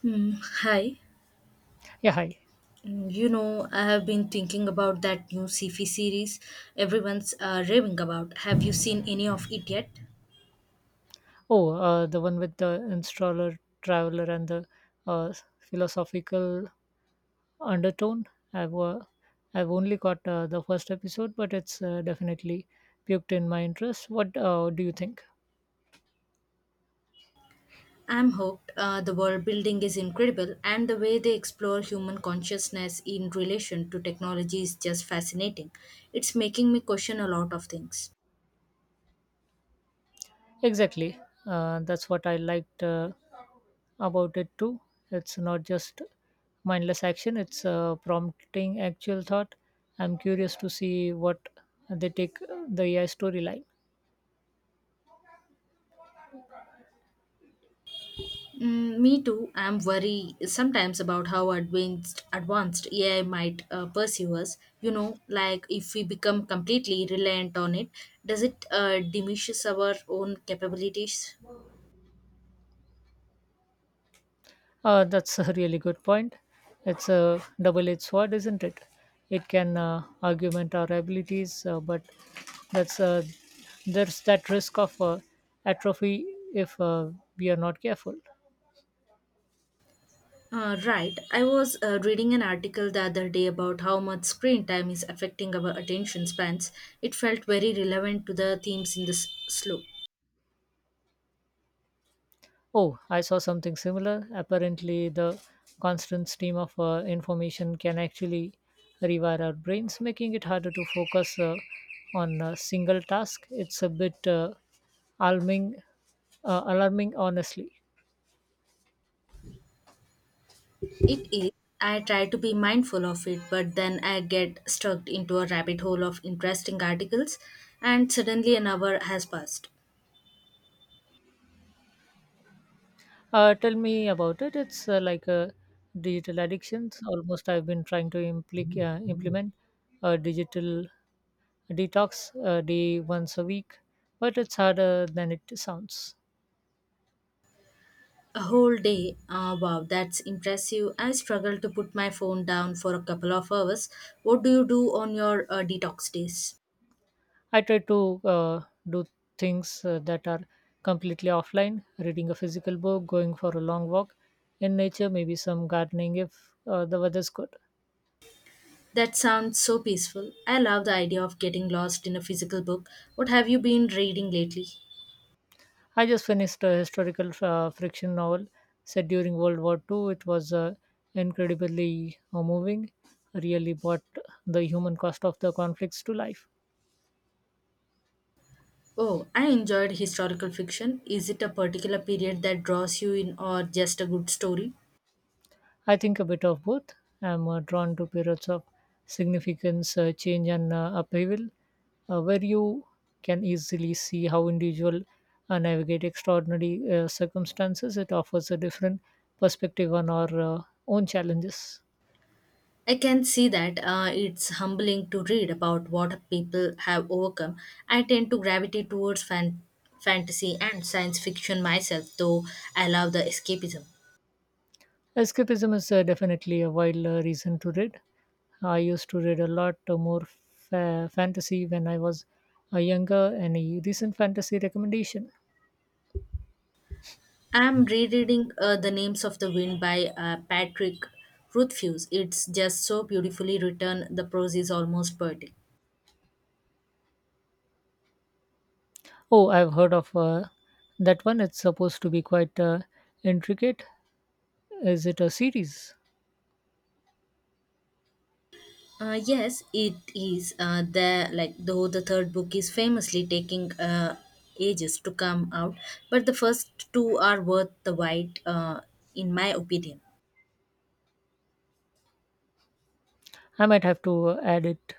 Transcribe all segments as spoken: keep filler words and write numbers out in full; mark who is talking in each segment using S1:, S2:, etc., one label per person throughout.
S1: Hmm, Hi.
S2: Yeah, hi.
S1: Mm, You know, I have been thinking about that new sci-fi series everyone's uh, raving about. Have you seen any of it yet?
S2: Oh, uh, the one with the installer, traveler, and the uh, philosophical undertone. I've uh, I've only got uh, the first episode, but it's uh, definitely piqued in my interest. What uh, do you think?
S1: I'm hooked. Uh, the world building is incredible, and the way they explore human consciousness in relation to technology is just fascinating. It's making me question a lot of things.
S2: Exactly. Uh, that's what I liked uh, about it too. It's not just mindless action; it's uh, prompting actual thought. I'm curious to see what they take the A I storyline.
S1: Mm, me too. I'm worried sometimes about how advanced advanced A I might uh, pursue us. You know, like if we become completely reliant on it, does it uh, diminishes our own capabilities?
S2: Uh, that's a really good point. It's a double-edged sword, isn't it? It can uh, augment our abilities, uh, but that's uh, there's that risk of uh, atrophy if uh, we are not careful.
S1: Uh, right. I was uh, reading an article the other day about how much screen time is affecting our attention spans. It felt very relevant to the themes in this slope.
S2: Oh, I saw something similar. Apparently, the constant stream of uh, information can actually rewire our brains, making it harder to focus uh, on a single task. It's a bit uh, alarming, uh, alarming, honestly.
S1: It is. I try to be mindful of it, but then I get stuck into a rabbit hole of interesting articles, and suddenly an hour has passed.
S2: Uh, tell me about it. It's uh, like uh, digital addictions. Almost, I've been trying to implic- uh, implement a digital detox uh, day once a week, but it's harder than it sounds.
S1: A whole day. Ah, wow, that's impressive. I struggle to put my phone down for a couple of hours. What do you do on your uh, detox days?
S2: I try to uh, do things uh, that are completely offline, reading a physical book, going for a long walk in nature, maybe some gardening if uh, the weather's good.
S1: That sounds so peaceful. I love the idea of getting lost in a physical book. What have you been reading lately?
S2: I just finished a historical uh, friction novel set during World War two. It was uh, incredibly uh, moving, really brought the human cost of the conflicts to life.
S1: Oh, I enjoyed historical fiction. Is it a particular period that draws you in or just a good story?
S2: I think a bit of both. I'm uh, drawn to periods of significance, uh, change, and uh, upheaval uh, where you can easily see how individual uh, navigate extraordinary uh, circumstances. It offers a different perspective on our uh, own challenges.
S1: I can see that, uh, it's humbling to read about what people have overcome. I tend to gravitate towards fan- fantasy and science fiction myself, though I love the escapism.
S2: Escapism is uh, definitely a wild uh, reason to read. I used to read a lot uh, more fa- fantasy when I was uh, younger. Any recent fantasy recommendation?
S1: I'm rereading uh, The Names of the Wind by uh, Patrick Rothfuss. It's just so beautifully written, the prose is almost poetic.
S2: Oh, I've heard of uh, that one. It's supposed to be quite uh, intricate. Is it a series?
S1: Uh, yes, it is. Uh, the like though the third book is famously taking uh, ages to come out, but the first two are worth the wait, uh, in my opinion.
S2: I might have to uh, add it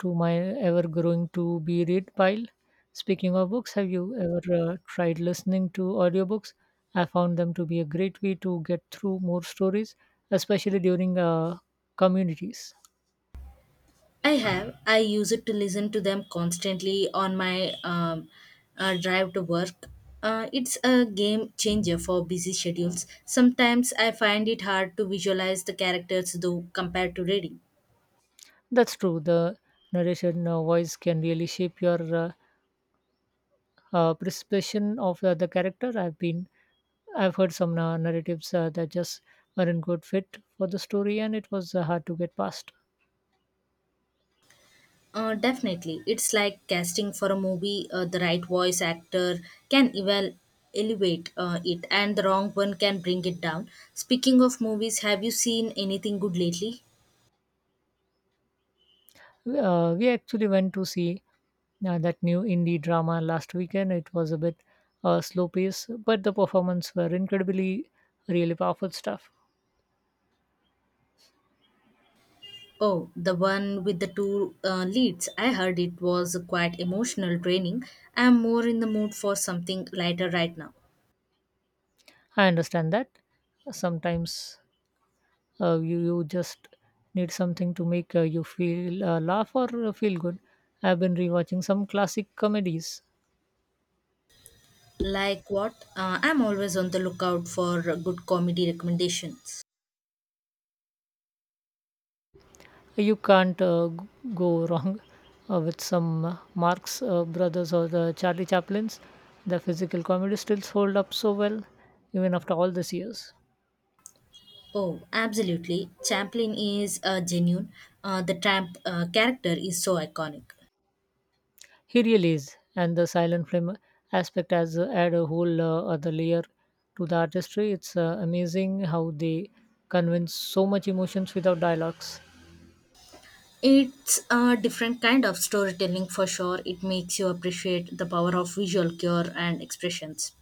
S2: to my ever growing to be read pile. Speaking of books, have you ever uh, tried listening to audiobooks? I found them to be a great way to get through more stories, especially during uh, communities.
S1: I have I use it to listen to them constantly on my um, uh, drive to work. Uh, it's a game changer for busy schedules. Sometimes I find it hard to visualize the characters though compared to reading.
S2: That's true. The narration uh, voice can really shape your uh, uh, perception of uh, the character. I've been, I've heard some uh, narratives uh, that just weren't good fit for the story, and it was uh, hard to get past.
S1: Uh, definitely. It's like casting for a movie. Uh, the right voice actor can eval- elevate uh, it, and the wrong one can bring it down. Speaking of movies, have you seen anything good lately?
S2: Uh, we actually went to see uh, that new indie drama last weekend. It was a bit uh, slow pace, but the performance were incredibly, really powerful stuff.
S1: Oh, the one with the two uh, leads. I heard it was quite emotional training. I'm more in the mood for something lighter right now.
S2: I understand that sometimes uh, you you just need something to make uh, you feel uh, laugh or uh, feel good. I've been rewatching some classic comedies.
S1: Like what? Uh, I'm always on the lookout for good comedy recommendations.
S2: You can't uh, g- go wrong uh, with some uh, Marx uh, Brothers or the Charlie Chaplins. The physical comedy stills hold up so well, even after all these years.
S1: Oh, absolutely. Chaplin is uh, genuine. Uh, the tramp uh, character is so iconic.
S2: He really is, and the silent film aspect has uh, add a whole uh, other layer to the artistry. It's uh, amazing how they convince so much emotions without dialogues.
S1: It's a different kind of storytelling for sure. It makes you appreciate the power of visual cure and expressions.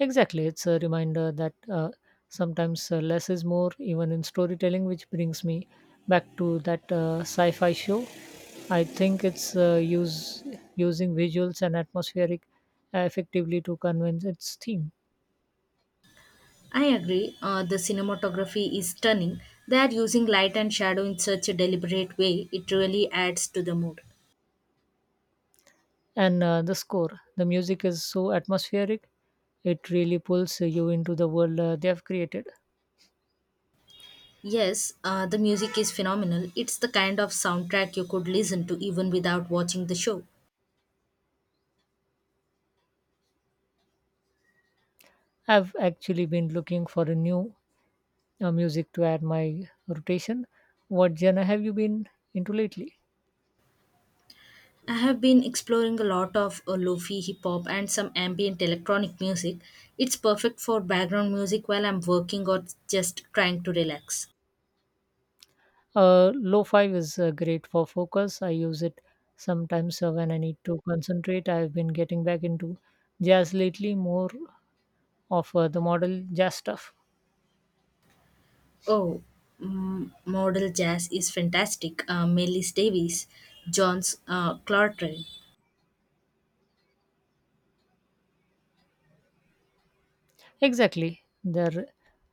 S2: Exactly. It's a reminder that uh, sometimes uh, less is more, even in storytelling, which brings me back to that uh, sci fi show. I think it's uh, use, using visuals and atmospheric uh, effectively to convince its theme.
S1: I agree. Uh, the cinematography is stunning. They are using light and shadow in such a deliberate way. It really adds to the mood.
S2: And uh, the score, the music is so atmospheric, it really pulls you into the world uh, they have created.
S1: Yes, uh, the music is phenomenal. It's the kind of soundtrack you could listen to even without watching the show.
S2: I've actually been looking for a new uh, music to add my rotation. What genre have you been into lately?
S1: I have been exploring a lot of uh, lofi hip hop and some ambient electronic music. It's perfect for background music while I'm working or just trying to relax.
S2: Uh, Lo-fi is uh, great for focus. I use it sometimes uh, when I need to concentrate. I've been getting back into jazz lately, more of uh, the model jazz stuff.
S1: Oh, mm, modal jazz is fantastic. Uh, Melis Davis, John's uh, Clartrell.
S2: Exactly, their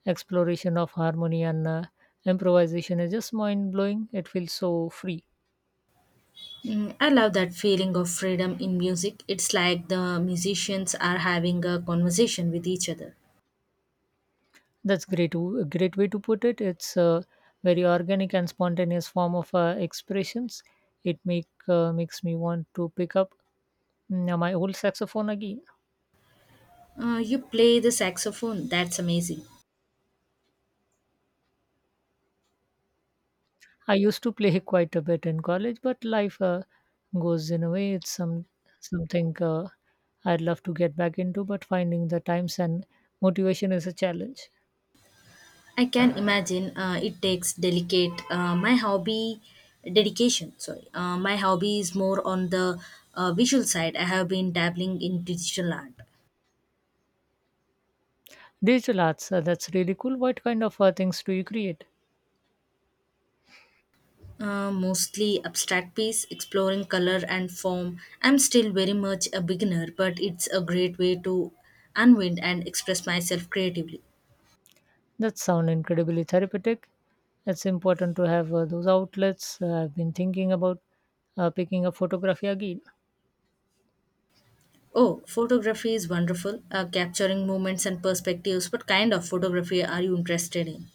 S2: exploration of harmony and uh, improvisation is just mind blowing. It feels so free.
S1: Mm, I love that feeling of freedom in music. It's like the musicians are having a conversation with each other.
S2: That's great. w- A great way to put it. It's a very organic and spontaneous form of uh, expressions. It make uh, Makes me want to pick up mm, my old saxophone again.
S1: Uh, you play the saxophone, that's amazing.
S2: I used to play quite a bit in college, but life uh, goes in a way. It's some something uh, I'd love to get back into, but finding the times and motivation is a challenge.
S1: I can imagine, uh, it takes delicate. Uh, my hobby, dedication, sorry. Uh, my hobby is more on the uh, visual side. I have been dabbling in digital art,
S2: Digital arts, uh, that's really cool. What kind of uh, things do you create?
S1: uh, mostly abstract piece, exploring color and form. I'm still very much a beginner, but it's a great way to unwind and express myself creatively.
S2: That sound incredibly therapeutic. It's important to have uh, those outlets. Uh, I've been thinking about uh, picking up photography again.
S1: Oh, photography is wonderful, uh, capturing moments and perspectives. What kind of photography are you interested in?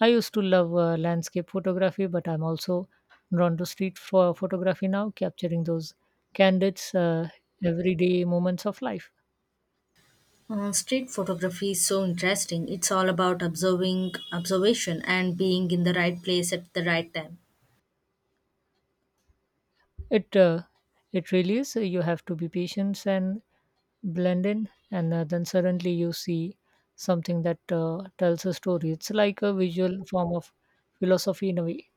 S2: I used to love uh, landscape photography, but I'm also drawn to street pho- photography now, capturing those candid, uh, everyday moments of life.
S1: Uh, street photography is so interesting. It's all about observing observation and being in the right place at the right time.
S2: It uh, it really is. You have to be patient and blend in, and uh, then suddenly you see something that uh, tells a story. It's like a visual form of philosophy in a way.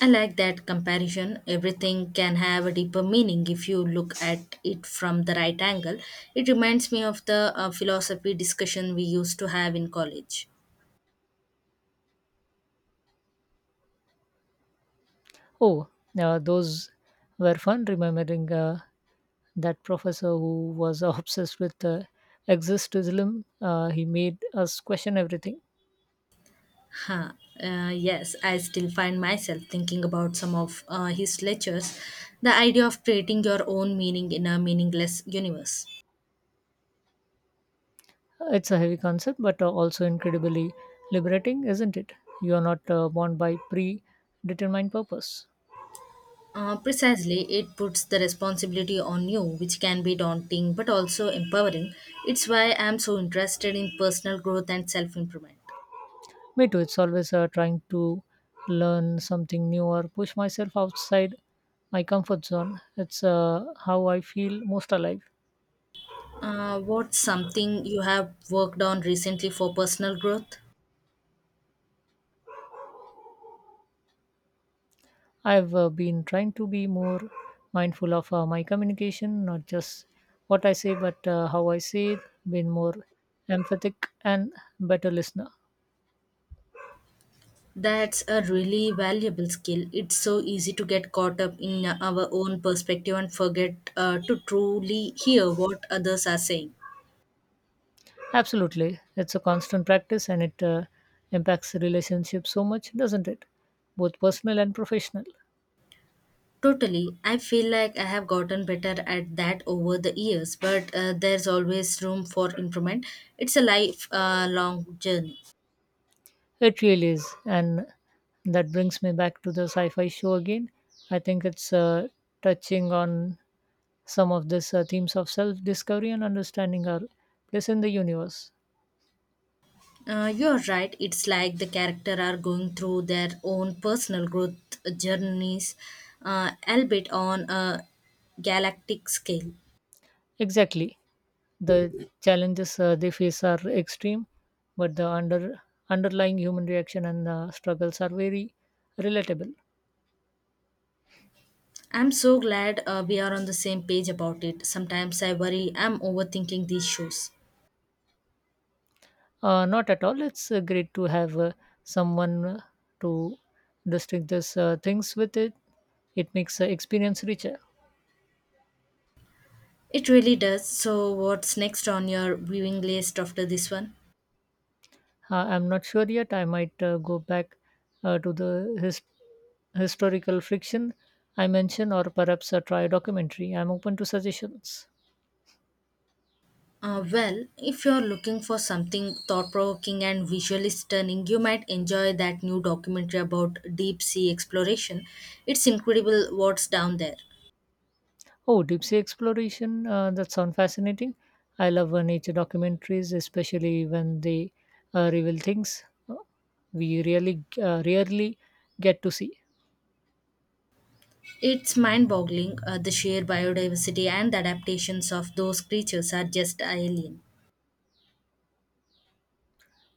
S1: I like that comparison. Everything can have a deeper meaning if you look at it from the right angle. It reminds me of the uh, philosophy discussion we used to have in college.
S2: Oh, uh, those were fun remembering. Uh, that professor who was obsessed with uh, existentialism uh, he made us question everything.
S1: Huh. Uh, yes, I still find myself thinking about some of uh, his lectures. The idea of creating your own meaning in a meaningless universe.
S2: It's a heavy concept, but uh, also incredibly liberating, isn't it? You are not uh, bound by predetermined purpose.
S1: Uh, precisely, it puts the responsibility on you, which can be daunting but also empowering. It's why I'm so interested in personal growth and self improvement.
S2: Me too. It's always uh, trying to learn something new or push myself outside my comfort zone. It's uh, how I feel most alive.
S1: Uh, what's something you have worked on recently for personal growth?
S2: I've uh, been trying to be more mindful of uh, my communication, not just what I say, but uh, how I say it, been more emphatic and better listener.
S1: That's a really valuable skill. It's so easy to get caught up in our own perspective and forget uh, to truly hear what others are saying.
S2: Absolutely. It's a constant practice and it uh, impacts relationships so much, doesn't it? Both personal and professional.
S1: Totally. I feel like I have gotten better at that over the years, but uh, there's always room for improvement. It's a life uh, long journey.
S2: It really is. And that brings me back to the sci fi show again. I think it's uh, touching on some of these uh, themes of self discovery and understanding our place in the universe.
S1: Uh, you're right. It's like the character are going through their own personal growth journeys, uh, albeit on a galactic scale.
S2: Exactly. The challenges uh, they face are extreme, but the under underlying human reaction and uh, struggles are very relatable.
S1: I'm so glad, uh, we are on the same page about it. Sometimes I worry I'm overthinking these shows.
S2: Uh, not at all. It's uh, great to have uh, someone uh, to distinguish these uh, things with it. It makes the experience richer.
S1: It really does. So, what's next on your viewing list after this one?
S2: Uh, I'm not sure yet. I might uh, go back uh, to the his- historical friction I mentioned, or perhaps uh, try a documentary. I'm open to suggestions.
S1: Uh, well, if you're looking for something thought provoking and visually stunning, you might enjoy that new documentary about deep sea exploration. It's incredible what's down there.
S2: Oh, deep sea exploration. Uh, that sounds fascinating. I love uh, nature documentaries, especially when they uh, reveal things uh, we really uh, rarely get to see.
S1: It's mind boggling, uh, the sheer biodiversity and the adaptations of those creatures are just alien.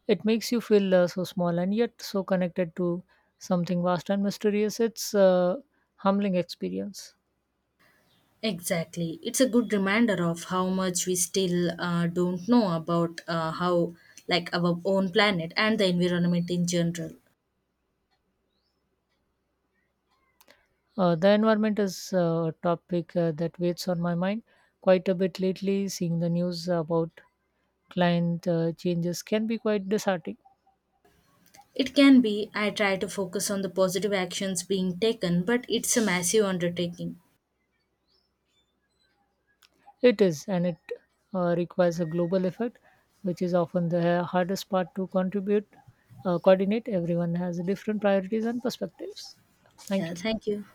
S2: It makes you feel uh, so small and yet so connected to something vast and mysterious. It's a humbling experience.
S1: Exactly. It's a good reminder of how much we still uh, don't know about, uh, how, like, our own planet and the environment in general.
S2: Uh, the environment is uh, a topic uh, that weighs on my mind quite a bit lately. Seeing the news about client uh, changes can be quite disheartening.
S1: It can be. I try to focus on the positive actions being taken, but it's a massive undertaking.
S2: It is, and it uh, requires a global effort, which is often the hardest part to contribute, uh, coordinate. Everyone has different priorities and perspectives. Thank
S1: Yeah,
S2: you.
S1: thank you.